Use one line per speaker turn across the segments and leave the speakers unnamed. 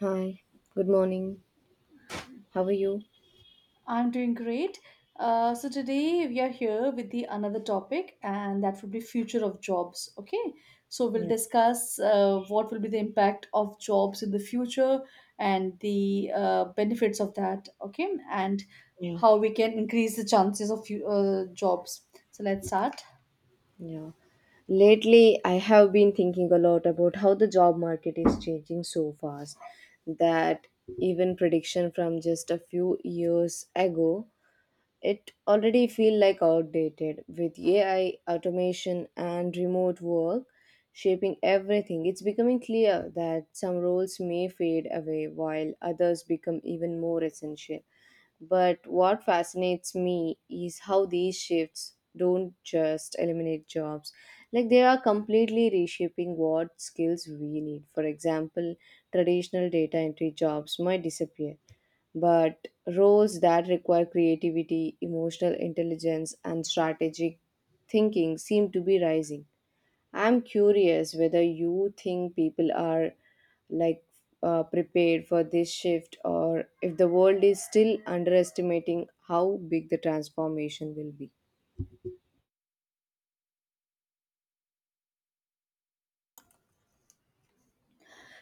Hi, good morning. How are you?
I'm doing great. So today we are here with the another topic, and that would be future of jobs. Okay, so we'll
Yeah,
discuss what will be the impact of jobs in the future and the benefits of that. Okay, and
yeah,
how we can increase the chances of jobs. So let's start.
Yeah. Lately, I have been thinking a lot about how the job market is changing so fast that even prediction from just a few years ago, it already feel like outdated with AI, automation and remote work shaping everything. It's becoming clear that some roles may fade away while others become even more essential. But what fascinates me is how these shifts don't just eliminate jobs. Like they are completely reshaping what skills we need. For example, traditional data entry jobs might disappear, but roles that require creativity, emotional intelligence, and strategic thinking seem to be rising. I'm curious whether you think people are like prepared for this shift or if the world is still underestimating how big the transformation will be.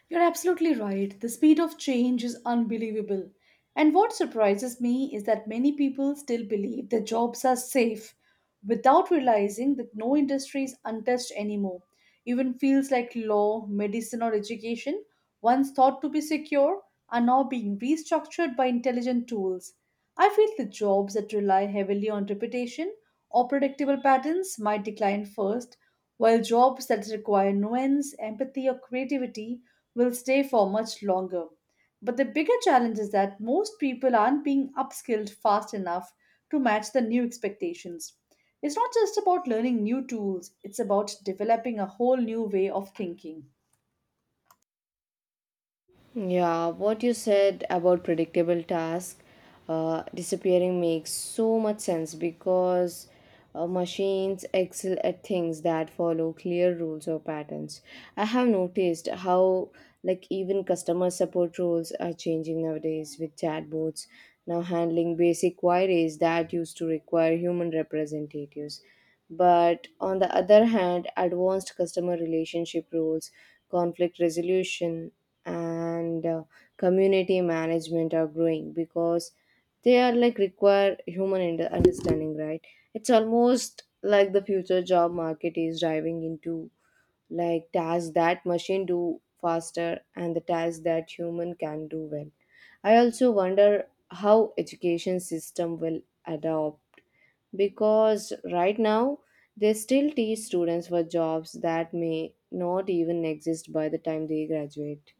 You're absolutely right. The speed of change is unbelievable. And what surprises me is that many people still believe their jobs are safe without realizing that no industry is untouched anymore. Even fields like law, medicine, or education, once thought to be secure, are now being restructured by intelligent tools. I feel the jobs that rely heavily on reputation or predictable patterns might decline first, while jobs that require nuance, empathy, or creativity will stay for much longer. But the bigger challenge is that most people aren't being upskilled fast enough to match the new expectations. It's not just about learning new tools, it's about developing a whole new way of thinking.
Yeah, what you said about predictable task disappearing makes so much sense because machines excel at things that follow clear rules or patterns. I have noticed how, like, even customer support roles are changing nowadays with chatbots now handling basic queries that used to require human representatives. But on the other hand, advanced customer relationship roles, conflict resolution, and community management are growing because they are like require human understanding, right? It's almost like the future job market is driving into like tasks that machine do faster and the tasks that human can do well. I also wonder how education system will adopt because right now they still teach students for jobs that may not even exist by the time they graduate.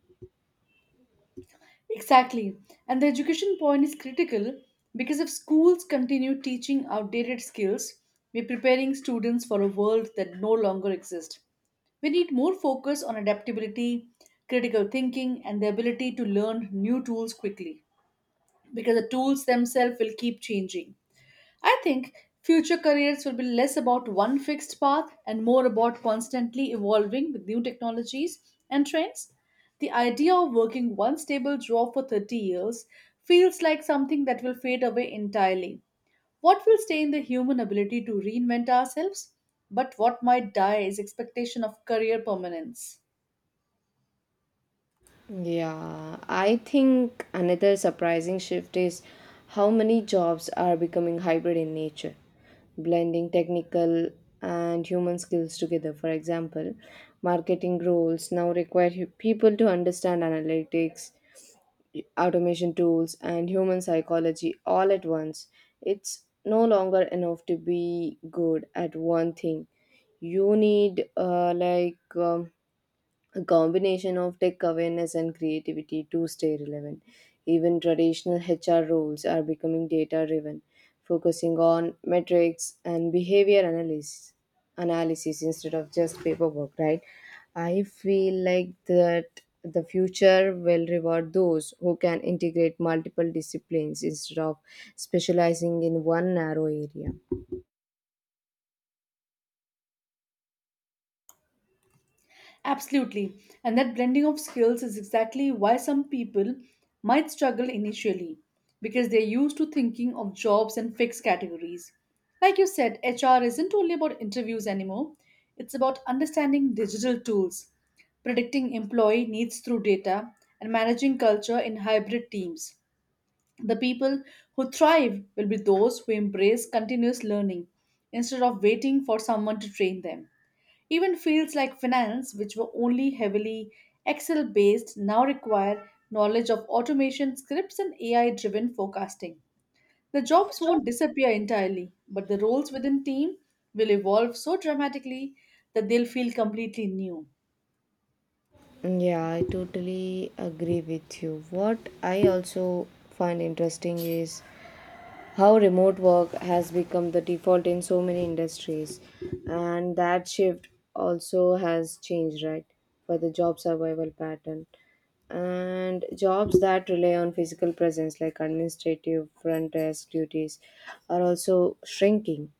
Exactly. And the education point is critical because if schools continue teaching outdated skills, we're preparing students for a world that no longer exists. We need more focus on adaptability, critical thinking, and the ability to learn new tools quickly, because the tools themselves will keep changing. I think future careers will be less about one fixed path and more about constantly evolving with new technologies and trends. The idea of working one stable job for 30 years feels like something that will fade away entirely. What will stay in the human ability to reinvent ourselves? But what might die is expectation of career permanence.
Yeah, I think another surprising shift is how many jobs are becoming hybrid in nature, blending technical and human skills together. For example, marketing roles now require people to understand analytics, automation tools, and human psychology all at once. It's no longer enough to be good at one thing, you need a combination of tech awareness and creativity to stay relevant. Even traditional HR roles are becoming data driven, focusing on metrics and behavior analysis instead of just paperwork, right? I feel like that the future will reward those who can integrate multiple disciplines instead of specializing in one narrow area.
Absolutely. And that blending of skills is exactly why some people might struggle initially because they're used to thinking of jobs in fixed categories. Like you said, HR isn't only about interviews anymore, it's about understanding digital tools, predicting employee needs through data, and managing culture in hybrid teams. The people who thrive will be those who embrace continuous learning instead of waiting for someone to train them. Even fields like finance, which were only heavily Excel based, now require knowledge of automation scripts and AI driven forecasting. The jobs won't disappear entirely, but the roles within team will evolve so dramatically that they'll feel completely new.
Yeah, I totally agree with you. What I also find interesting is how remote work has become the default in so many industries, and that shift also has changed, right, for the job survival pattern. And jobs that rely on physical presence like administrative front desk duties are also shrinking,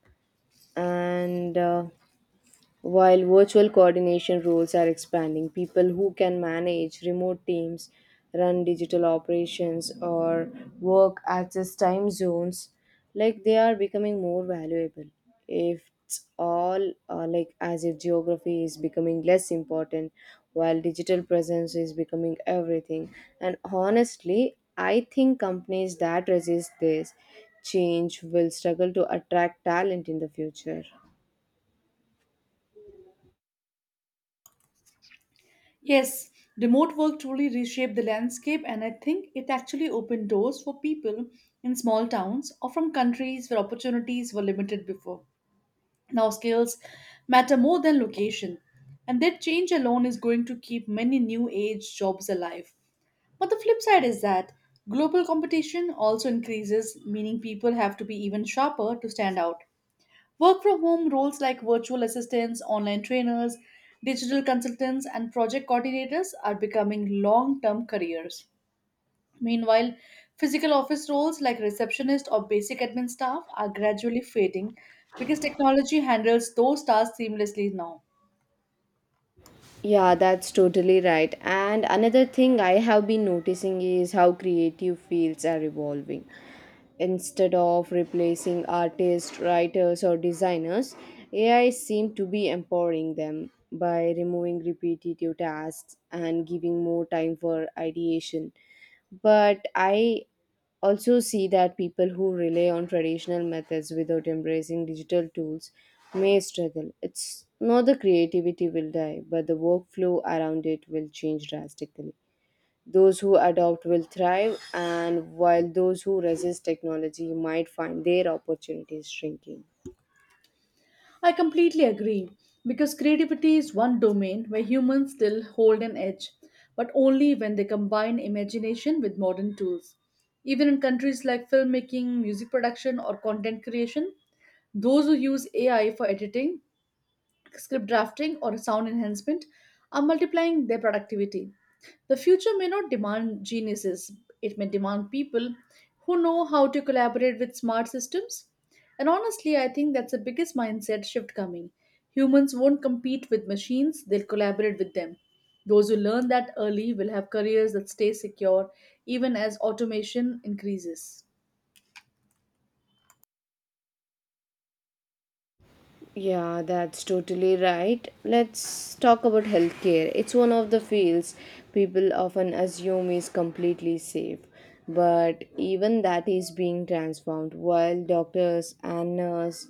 and while virtual coordination roles are expanding, people who can manage remote teams, run digital operations, or work across time zones, like they are becoming more valuable. If it's all, like, as if geography is becoming less important, while digital presence is becoming everything. And honestly, I think companies that resist this change will struggle to attract talent in the future.
Yes, remote work truly reshaped the landscape, and I think it actually opened doors for people in small towns or from countries where opportunities were limited before. Now, skills matter more than location, and that change alone is going to keep many new age jobs alive. But the flip side is that global competition also increases, meaning people have to be even sharper to stand out. Work from home roles like virtual assistants, online trainers, digital consultants, and project coordinators are becoming long term careers. Meanwhile, physical office roles like receptionist or basic admin staff are gradually fading because technology handles those tasks seamlessly now.
Yeah, that's totally right. And another thing I have been noticing is how creative fields are evolving. Instead of replacing artists, writers, or designers, AI seem to be empowering them by removing repetitive tasks and giving more time for ideation. But I also see that people who rely on traditional methods without embracing digital tools may struggle. It's not the creativity will die, but the workflow around it will change drastically. Those who adopt will thrive, and while those who resist technology might find their opportunities shrinking.
I completely agree because creativity is one domain where humans still hold an edge, but only when they combine imagination with modern tools. Even in countries like filmmaking, music production, or content creation, those who use AI for editing script drafting, or sound enhancement are multiplying their productivity. The future may not demand geniuses, it may demand people who know how to collaborate with smart systems. And honestly, I think that's the biggest mindset shift coming. Humans won't compete with machines, they'll collaborate with them. Those who learn that early will have careers that stay secure even as automation increases.
Yeah, that's totally right. Let's talk about healthcare. It's one of the fields people often assume is completely safe, but even that is being transformed. While doctors and nurse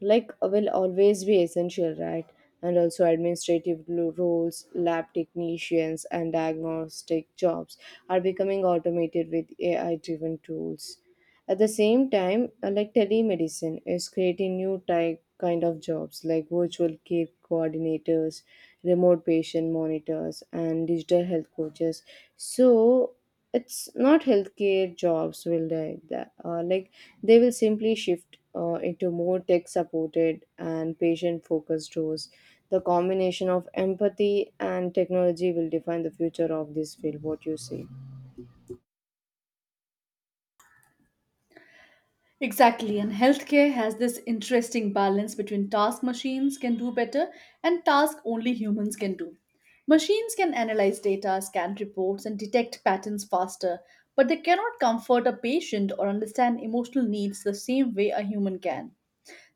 like will always be essential, right? And also administrative roles, lab technicians, and diagnostic jobs are becoming automated with AI-driven tools. At the same time, like telemedicine is creating new type kind of jobs like virtual care coordinators, remote patient monitors, and digital health coaches. So it's not healthcare jobs will die. That, like they will simply shift into more tech supported and patient focused roles. The combination of empathy and technology will define the future of this field. What you say?
Exactly, and healthcare has this interesting balance between task machines can do better and task only humans can do. Machines can analyze data, scan reports, and detect patterns faster, but they cannot comfort a patient or understand emotional needs the same way a human can.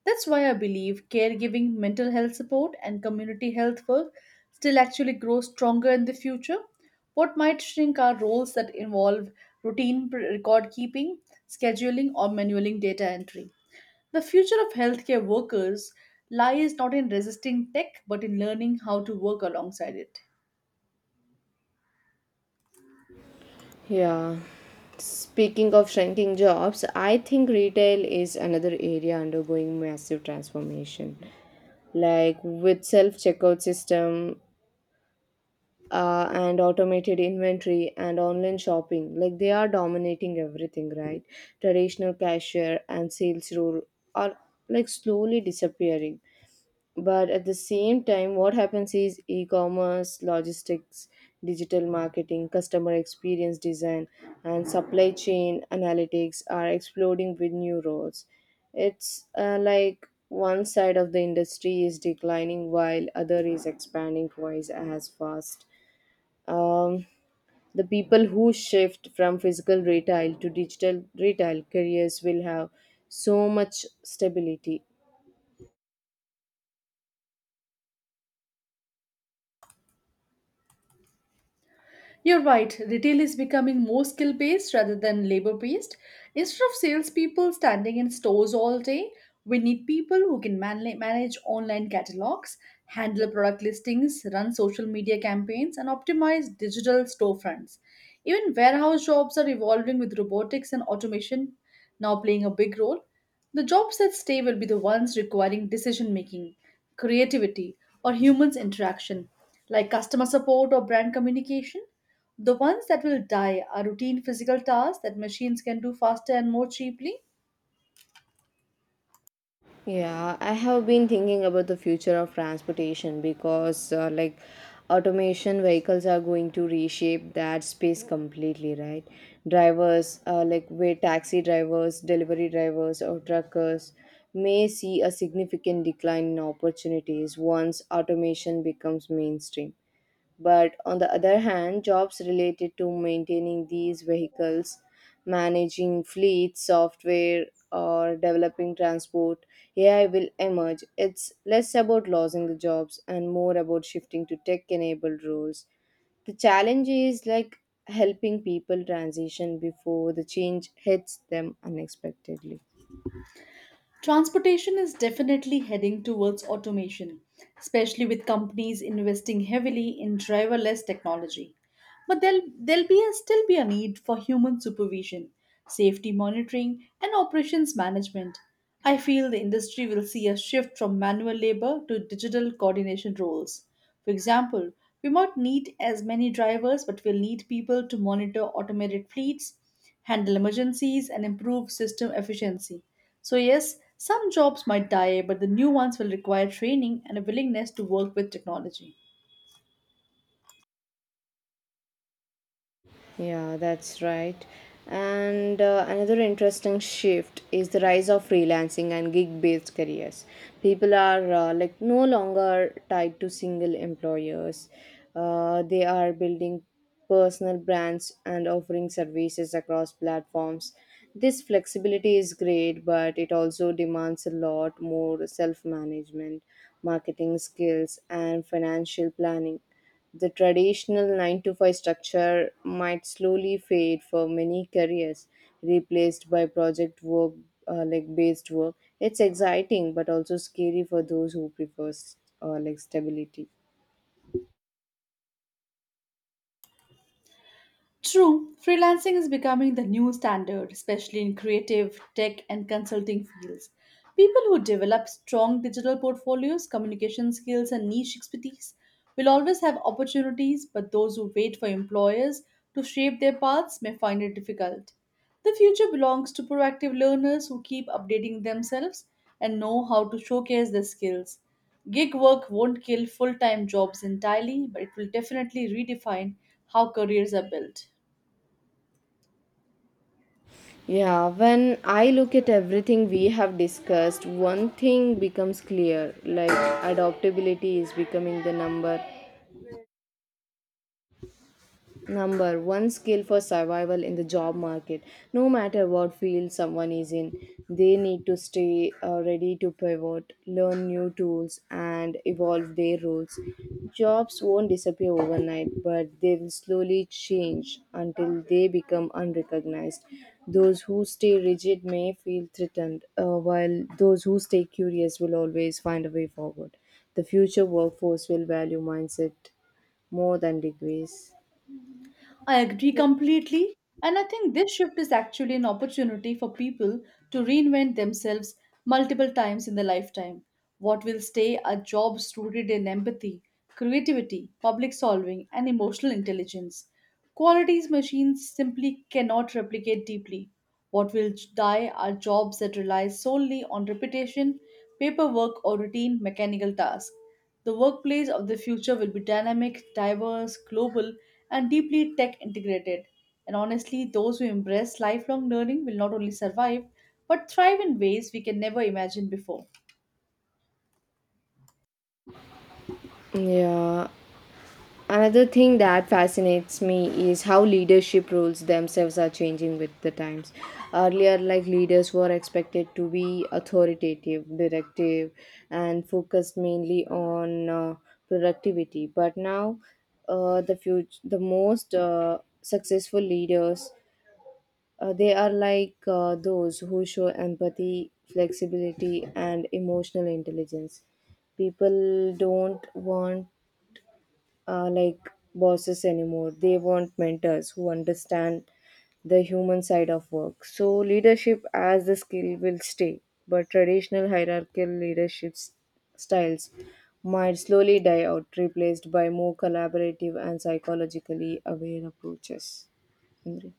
That's why I believe caregiving, mental health support, and community health work still actually grow stronger in the future. What might shrink are roles that involve routine record keeping, scheduling, or manualing data entry. The future of healthcare workers lies not in resisting tech but in learning how to work alongside it.
Yeah. Speaking of shrinking jobs, I think retail is another area undergoing massive transformation. Like with self checkout system, and automated inventory and online shopping, like they are dominating everything, right? Traditional cashier and sales role are like slowly disappearing, but at the same time what happens is e-commerce logistics, digital marketing, customer experience design, and supply chain analytics are exploding with new roles. It's like one side of the industry is declining while other is expanding twice as fast. um, the people who shift from physical retail to digital retail careers will have so much stability.
You're right, retail is becoming more skill based rather than labor based. Instead of salespeople standing in stores all day, we need people who can manage online catalogs, handle product listings, run social media campaigns, and optimize digital storefronts. Even warehouse jobs are evolving with robotics and automation now playing a big role. The jobs that stay will be the ones requiring decision making, creativity, or humans' interaction, like customer support or brand communication. The ones that will die are routine physical tasks that machines can do faster and more cheaply.
Yeah, I have been thinking about the future of transportation because, like, automation vehicles are going to reshape that space completely, right? Drivers, like, where taxi drivers, delivery drivers, or truckers may see a significant decline in opportunities once automation becomes mainstream. But on the other hand, jobs related to maintaining these vehicles, managing fleets, software, or developing transport, AI will emerge. It's less about losing the jobs and more about shifting to tech enabled roles. The challenge is like helping people transition before the change hits them unexpectedly.
Transportation is definitely heading towards automation, especially with companies investing heavily in driverless technology. But still be a need for human supervision, safety monitoring, and operations management. I feel the industry will see a shift from manual labor to digital coordination roles. For example, we might need as many drivers, but we'll need people to monitor automated fleets, handle emergencies, and improve system efficiency. So, yes, some jobs might die, but the new ones will require training and a willingness to work with technology.
Yeah, that's right. And another interesting shift is the rise of freelancing and gig-based careers. People are, like, no longer tied to single employers. They are building personal brands and offering services across platforms. This flexibility is great, but it also demands a lot more self-management, marketing skills, and financial planning. The traditional 9 to 5 structure might slowly fade for many careers, replaced by project work, like, based work. It's exciting but also scary for those who prefer, like, stability.
True, freelancing is becoming the new standard, especially in creative, tech, and consulting fields. People who develop strong digital portfolios, communication skills, and niche expertise will always have opportunities, but those who wait for employers to shape their paths may find it difficult. The future belongs to proactive learners who keep updating themselves and know how to showcase their skills. Gig work won't kill full time jobs entirely, but it will definitely redefine how careers are built.
Yeah, when I look at everything we have discussed, one thing becomes clear, like adaptability is becoming the Number one skill for survival in the job market. No matter what field someone is in, they need to stay ready to pivot, learn new tools, and evolve their roles. Jobs won't disappear overnight, but they will slowly change until they become unrecognized. Those who stay rigid may feel threatened, while those who stay curious will always find a way forward. The future workforce will value mindset more than degrees.
I agree completely, and I think this shift is actually an opportunity for people to reinvent themselves multiple times in their lifetime. What will stay are jobs rooted in empathy, creativity, public solving, and emotional intelligence. Qualities machines simply cannot replicate deeply. What will die are jobs that rely solely on repetition, paperwork, or routine mechanical tasks. The workplace of the future will be dynamic, diverse, global, and deeply tech integrated. And honestly, those who embrace lifelong learning will not only survive, but thrive in ways we can never imagine before.
Yeah. Another thing that fascinates me is how leadership roles themselves are changing with the times. Earlier, like leaders were expected to be authoritative, directive, and focused mainly on productivity. But now, the most successful leaders, they are like those who show empathy, flexibility, and emotional intelligence. People don't want, like, bosses anymore. They want mentors who understand the human side of work. So, leadership as a skill will stay, but traditional hierarchical leadership styles might slowly die out, replaced by more collaborative and psychologically aware approaches. Indri.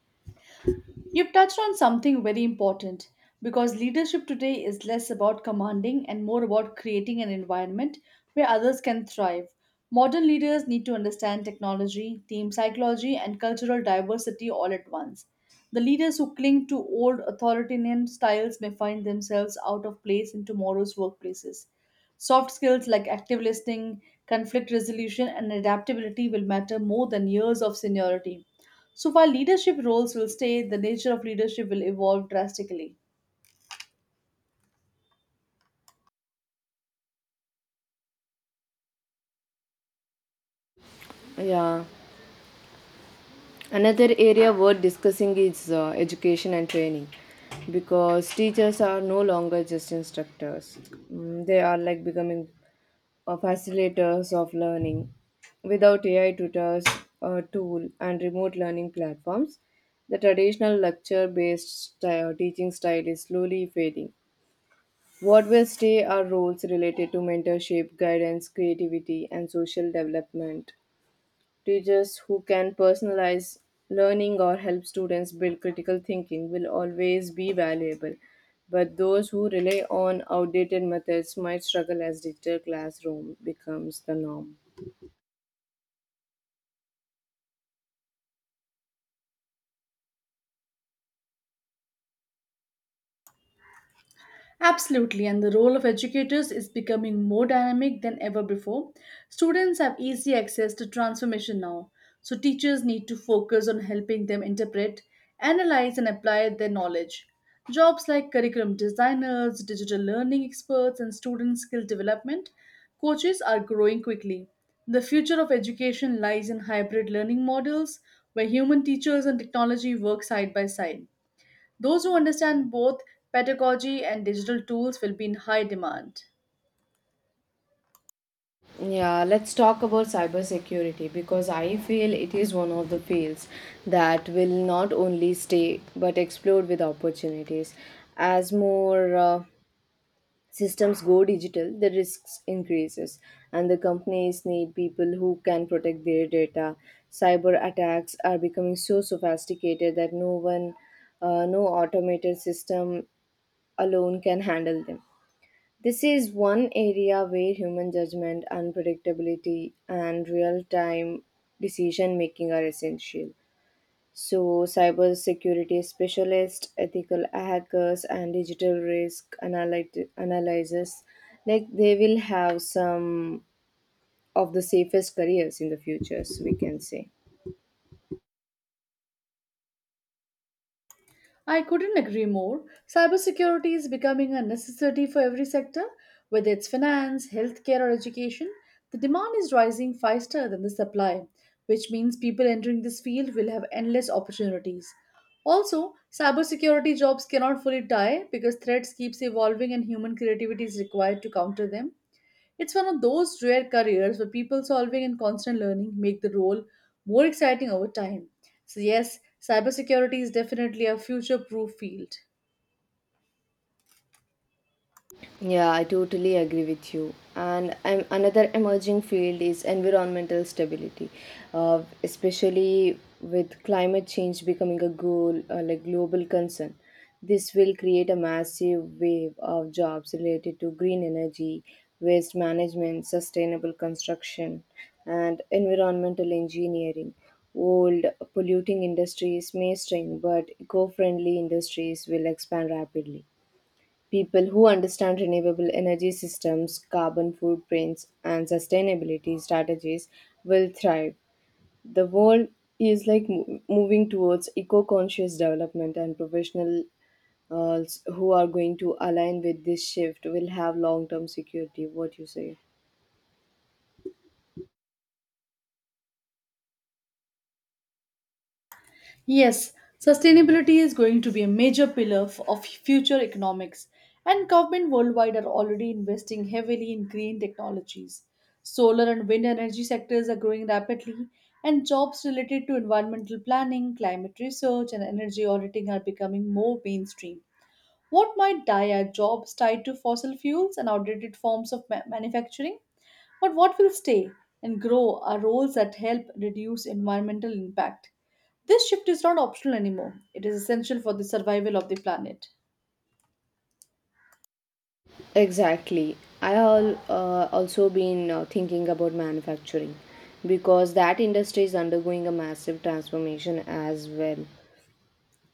You've touched on something very important because leadership today is less about commanding and more about creating an environment where others can thrive. Modern leaders need to understand technology, team psychology, and cultural diversity all at once. The leaders who cling to old authoritarian styles may find themselves out of place in tomorrow's workplaces. Soft skills like active listening, conflict resolution, and adaptability will matter more than years of seniority. So while leadership roles will stay, the nature of leadership will evolve drastically.
Yeah, another area worth discussing is education and training because teachers are no longer just instructors. They are like becoming or facilitators of learning. Without AI tutors, a tool, and remote learning platforms, the traditional lecture based teaching style is slowly fading. What will stay are roles related to mentorship, guidance, creativity, and social development. Teachers who can personalize learning or help students build critical thinking will always be valuable, but those who rely on outdated methods might struggle as digital classroom becomes the norm.
Absolutely, and the role of educators is becoming more dynamic than ever before. Students have easy access to transformation now, so teachers need to focus on helping them interpret, analyze, and apply their knowledge. Jobs like curriculum designers, digital learning experts, and student skill development coaches are growing quickly. The future of education lies in hybrid learning models where human teachers and technology work side by side. Those who understand both pedagogy and digital tools will be in high demand.
Yeah, let's talk about cybersecurity because I feel it is one of the fields that will not only stay but explode with opportunities as more systems go digital, the risks increases, and the companies need people who can protect their data. Cyber attacks are becoming so sophisticated that no one, no automated system alone can handle them. This is one area where human judgment, unpredictability, and real time decision making are essential. So, cybersecurity specialists, ethical hackers, and digital risk analysis, like they will have some of the safest careers in the futures, we can say.
I couldn't agree more. Cybersecurity is becoming a necessity for every sector, whether it's finance, healthcare, or education. The demand is rising faster than the supply, which means people entering this field will have endless opportunities. Also, cybersecurity jobs cannot fully die because threats keeps evolving and human creativity is required to counter them. It's one of those rare careers where people solving and constant learning make the role more exciting over time. So, yes, cybersecurity is definitely a future proof field.
Yeah, I totally agree with you. And another emerging field is environmental stability, especially with climate change becoming a goal, like global concern. This will create a massive wave of jobs related to green energy, waste management, sustainable construction, and environmental engineering. Old polluting industries may shrink, but eco friendly industries will expand rapidly. People who understand renewable energy systems, carbon footprints, and sustainability strategies will thrive. The world is like moving towards eco conscious development, and professionals who are going to align with this shift will have long term security. What you say?
Yes, sustainability is going to be a major pillar of future economics, and government worldwide are already investing heavily in green technologies. Solar and wind energy sectors are growing rapidly, and jobs related to environmental planning, climate research, and energy auditing are becoming more mainstream. What might die are jobs tied to fossil fuels and outdated forms of manufacturing? But what will stay and grow are roles that help reduce environmental impact. This shift is not optional anymore, it is essential for the survival of the planet.
Exactly. I all also been thinking about manufacturing because that industry is undergoing a massive transformation as well.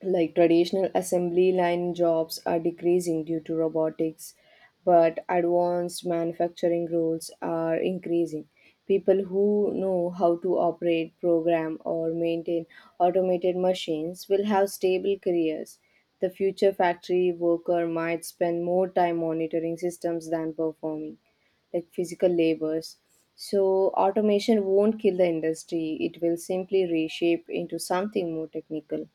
Like traditional assembly line jobs are decreasing due to robotics, but advanced manufacturing roles are increasing. People who know how to operate, program, or maintain automated machines will have stable careers. The future factory worker might spend more time monitoring systems than performing like physical labors. So, automation won't kill the industry, it will simply reshape into something more technical.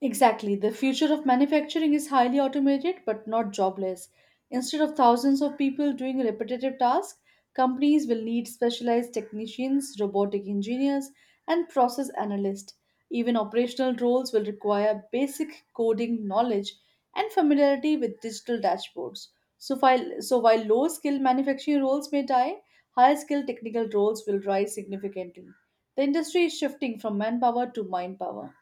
Exactly. The future of manufacturing is highly automated but not jobless. Instead of thousands of people doing repetitive tasks, companies will need specialized technicians, robotic engineers, and process analysts. Even operational roles will require basic coding knowledge and familiarity with digital dashboards. So while low skill manufacturing roles may die, high skill technical roles will rise significantly. The industry is shifting from manpower to mind power.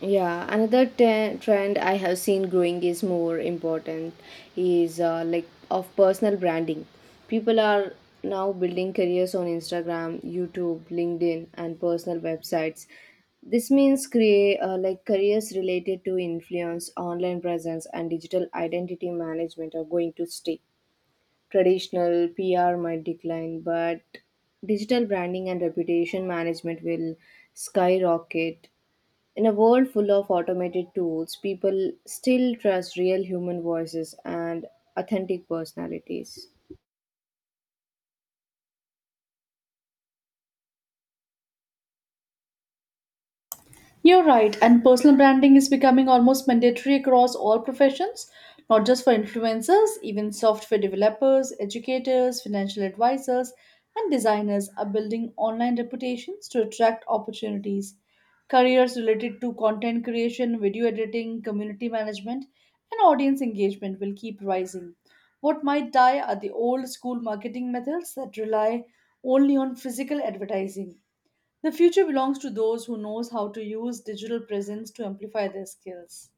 Yeah, another trend I have seen growing is more important is like of personal branding. People are now building careers on Instagram, YouTube, LinkedIn, and personal websites. This means create, like, careers related to influence, online presence, and digital identity management are going to stay. Traditional PR might decline, but digital branding and reputation management will skyrocket. In a world full of automated tools, people still trust real human voices and authentic personalities.
You're right, and personal branding is becoming almost mandatory across all professions, not just for influencers, even software developers, educators, financial advisors, and designers are building online reputations to attract opportunities. Careers related to content creation, video editing, community management, and audience engagement will keep rising. What might die are the old school marketing methods that rely only on physical advertising. The future belongs to those who knows how to use digital presence to amplify their skills.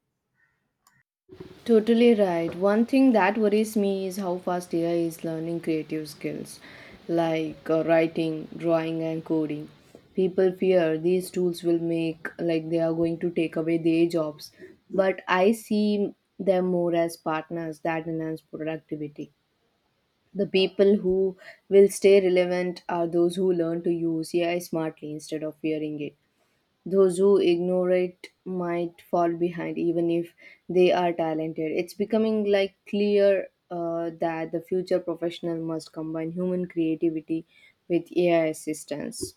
Totally right. One thing that worries me is how fast AI is learning creative skills like writing, drawing, and coding. People fear these tools will make like they are going to take away their jobs, but I see them more as partners that enhance productivity. The people who will stay relevant are those who learn to use AI smartly instead of fearing it. Those who ignore it might fall behind, even if they are talented. It's becoming like clear that the future professional must combine human creativity with AI assistance.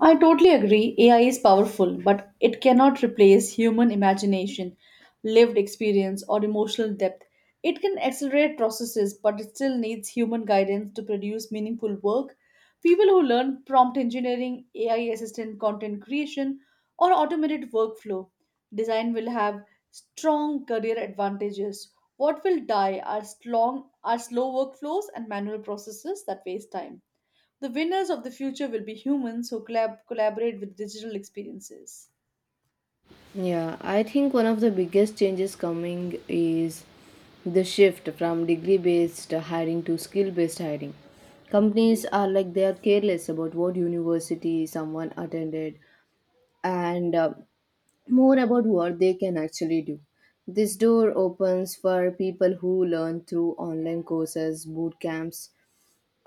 I totally agree. AI is powerful, but it cannot replace human imagination, lived experience, or emotional depth. It can accelerate processes, but it still needs human guidance to produce meaningful work. People who learn prompt engineering, AI assistant content creation, or automated workflow design will have strong career advantages. What will die are slow workflows and manual processes that waste time. The winners of the future will be humans who collaborate with digital experiences.
Yeah, I think one of the biggest changes coming is the shift from degree based hiring to skill based hiring. Companies are like they are careless about what university someone attended and more about what they can actually do. This door opens for people who learn through online courses, boot camps,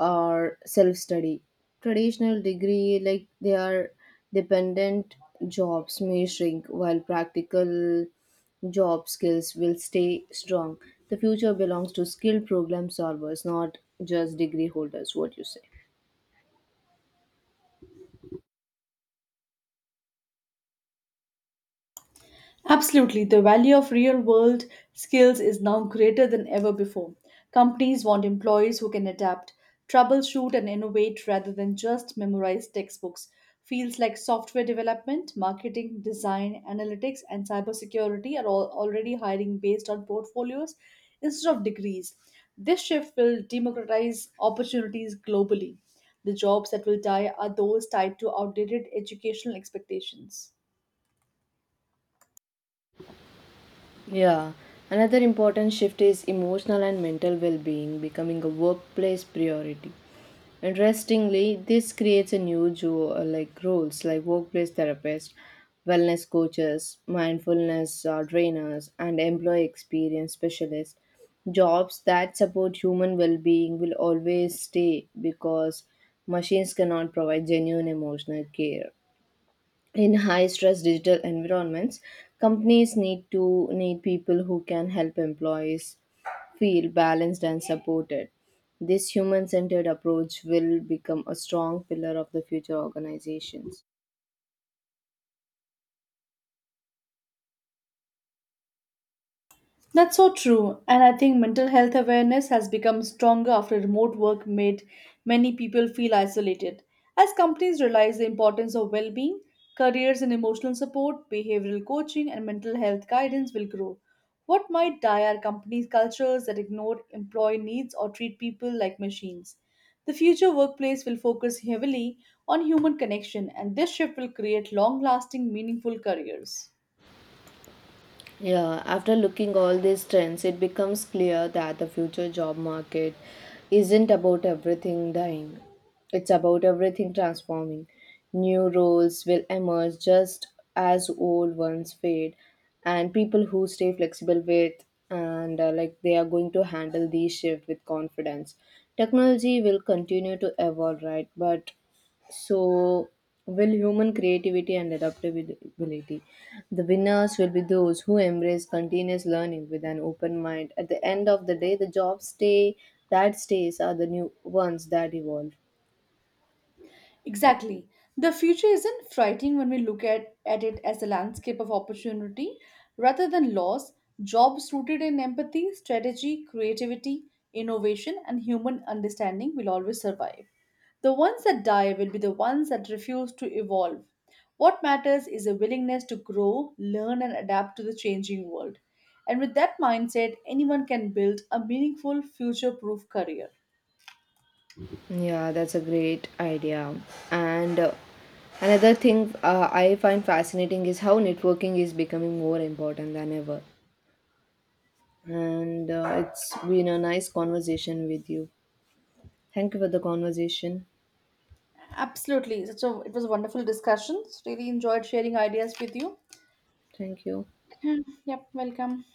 or self study. Traditional degree like they are dependent jobs may shrink while practical job skills will stay strong. The future belongs to skilled problem solvers, not just degree holders. What you say?
Absolutely, the value of real world skills is now greater than ever before. Companies want employees who can adapt, troubleshoot, and innovate rather than just memorize textbooks. Fields like software development, marketing, design, analytics, and cybersecurity are all already hiring based on portfolios instead of degrees. This shift will democratize opportunities globally. The jobs that will die are those tied to outdated educational expectations.
Yeah, another important shift is emotional and mental well being becoming a workplace priority. Interestingly, this creates a new like roles like workplace therapist, wellness coaches, mindfulness trainers, and employee experience specialists. Jobs that support human well being will always stay because machines cannot provide genuine emotional care in high stress digital environments. Companies need people who can help employees feel balanced and supported. This human centered approach will become a strong pillar of the future organizations.
That's so true. And I think mental health awareness has become stronger after remote work made many people feel isolated. As companies realize the importance of well being, careers in emotional support, behavioral coaching, and mental health guidance will grow. What might die are companies' cultures that ignore employee needs or treat people like machines. The future workplace will focus heavily on human connection, and this shift will create long lasting, meaningful careers.
Yeah, after looking all these trends, it becomes clear that the future job market isn't about everything dying. It's about everything transforming. New roles will emerge just as old ones fade, and people who stay flexible with, and like, they are going to handle these shifts with confidence. Technology will continue to evolve, right? But so, will human creativity and adaptability? The winners will be those who embrace continuous learning with an open mind. At the end of the day, the jobs stay that stays are the new ones that evolve.
Exactly. The future isn't frightening when we look at it as a landscape of opportunity rather than loss. Jobs rooted in empathy, strategy, creativity, innovation, and human understanding will always survive. The ones that die will be the ones that refuse to evolve. What matters is a willingness to grow, learn, and adapt to the changing world. And with that mindset, anyone can build a meaningful, future proof career.
Yeah, that's a great idea. And another thing I find fascinating is how networking is becoming more important than ever. And it's been a nice conversation with you. Thank you for the conversation.
Absolutely. So it was a wonderful discussion. Really enjoyed sharing ideas with you.
Thank you.
Yeah. Yep, welcome.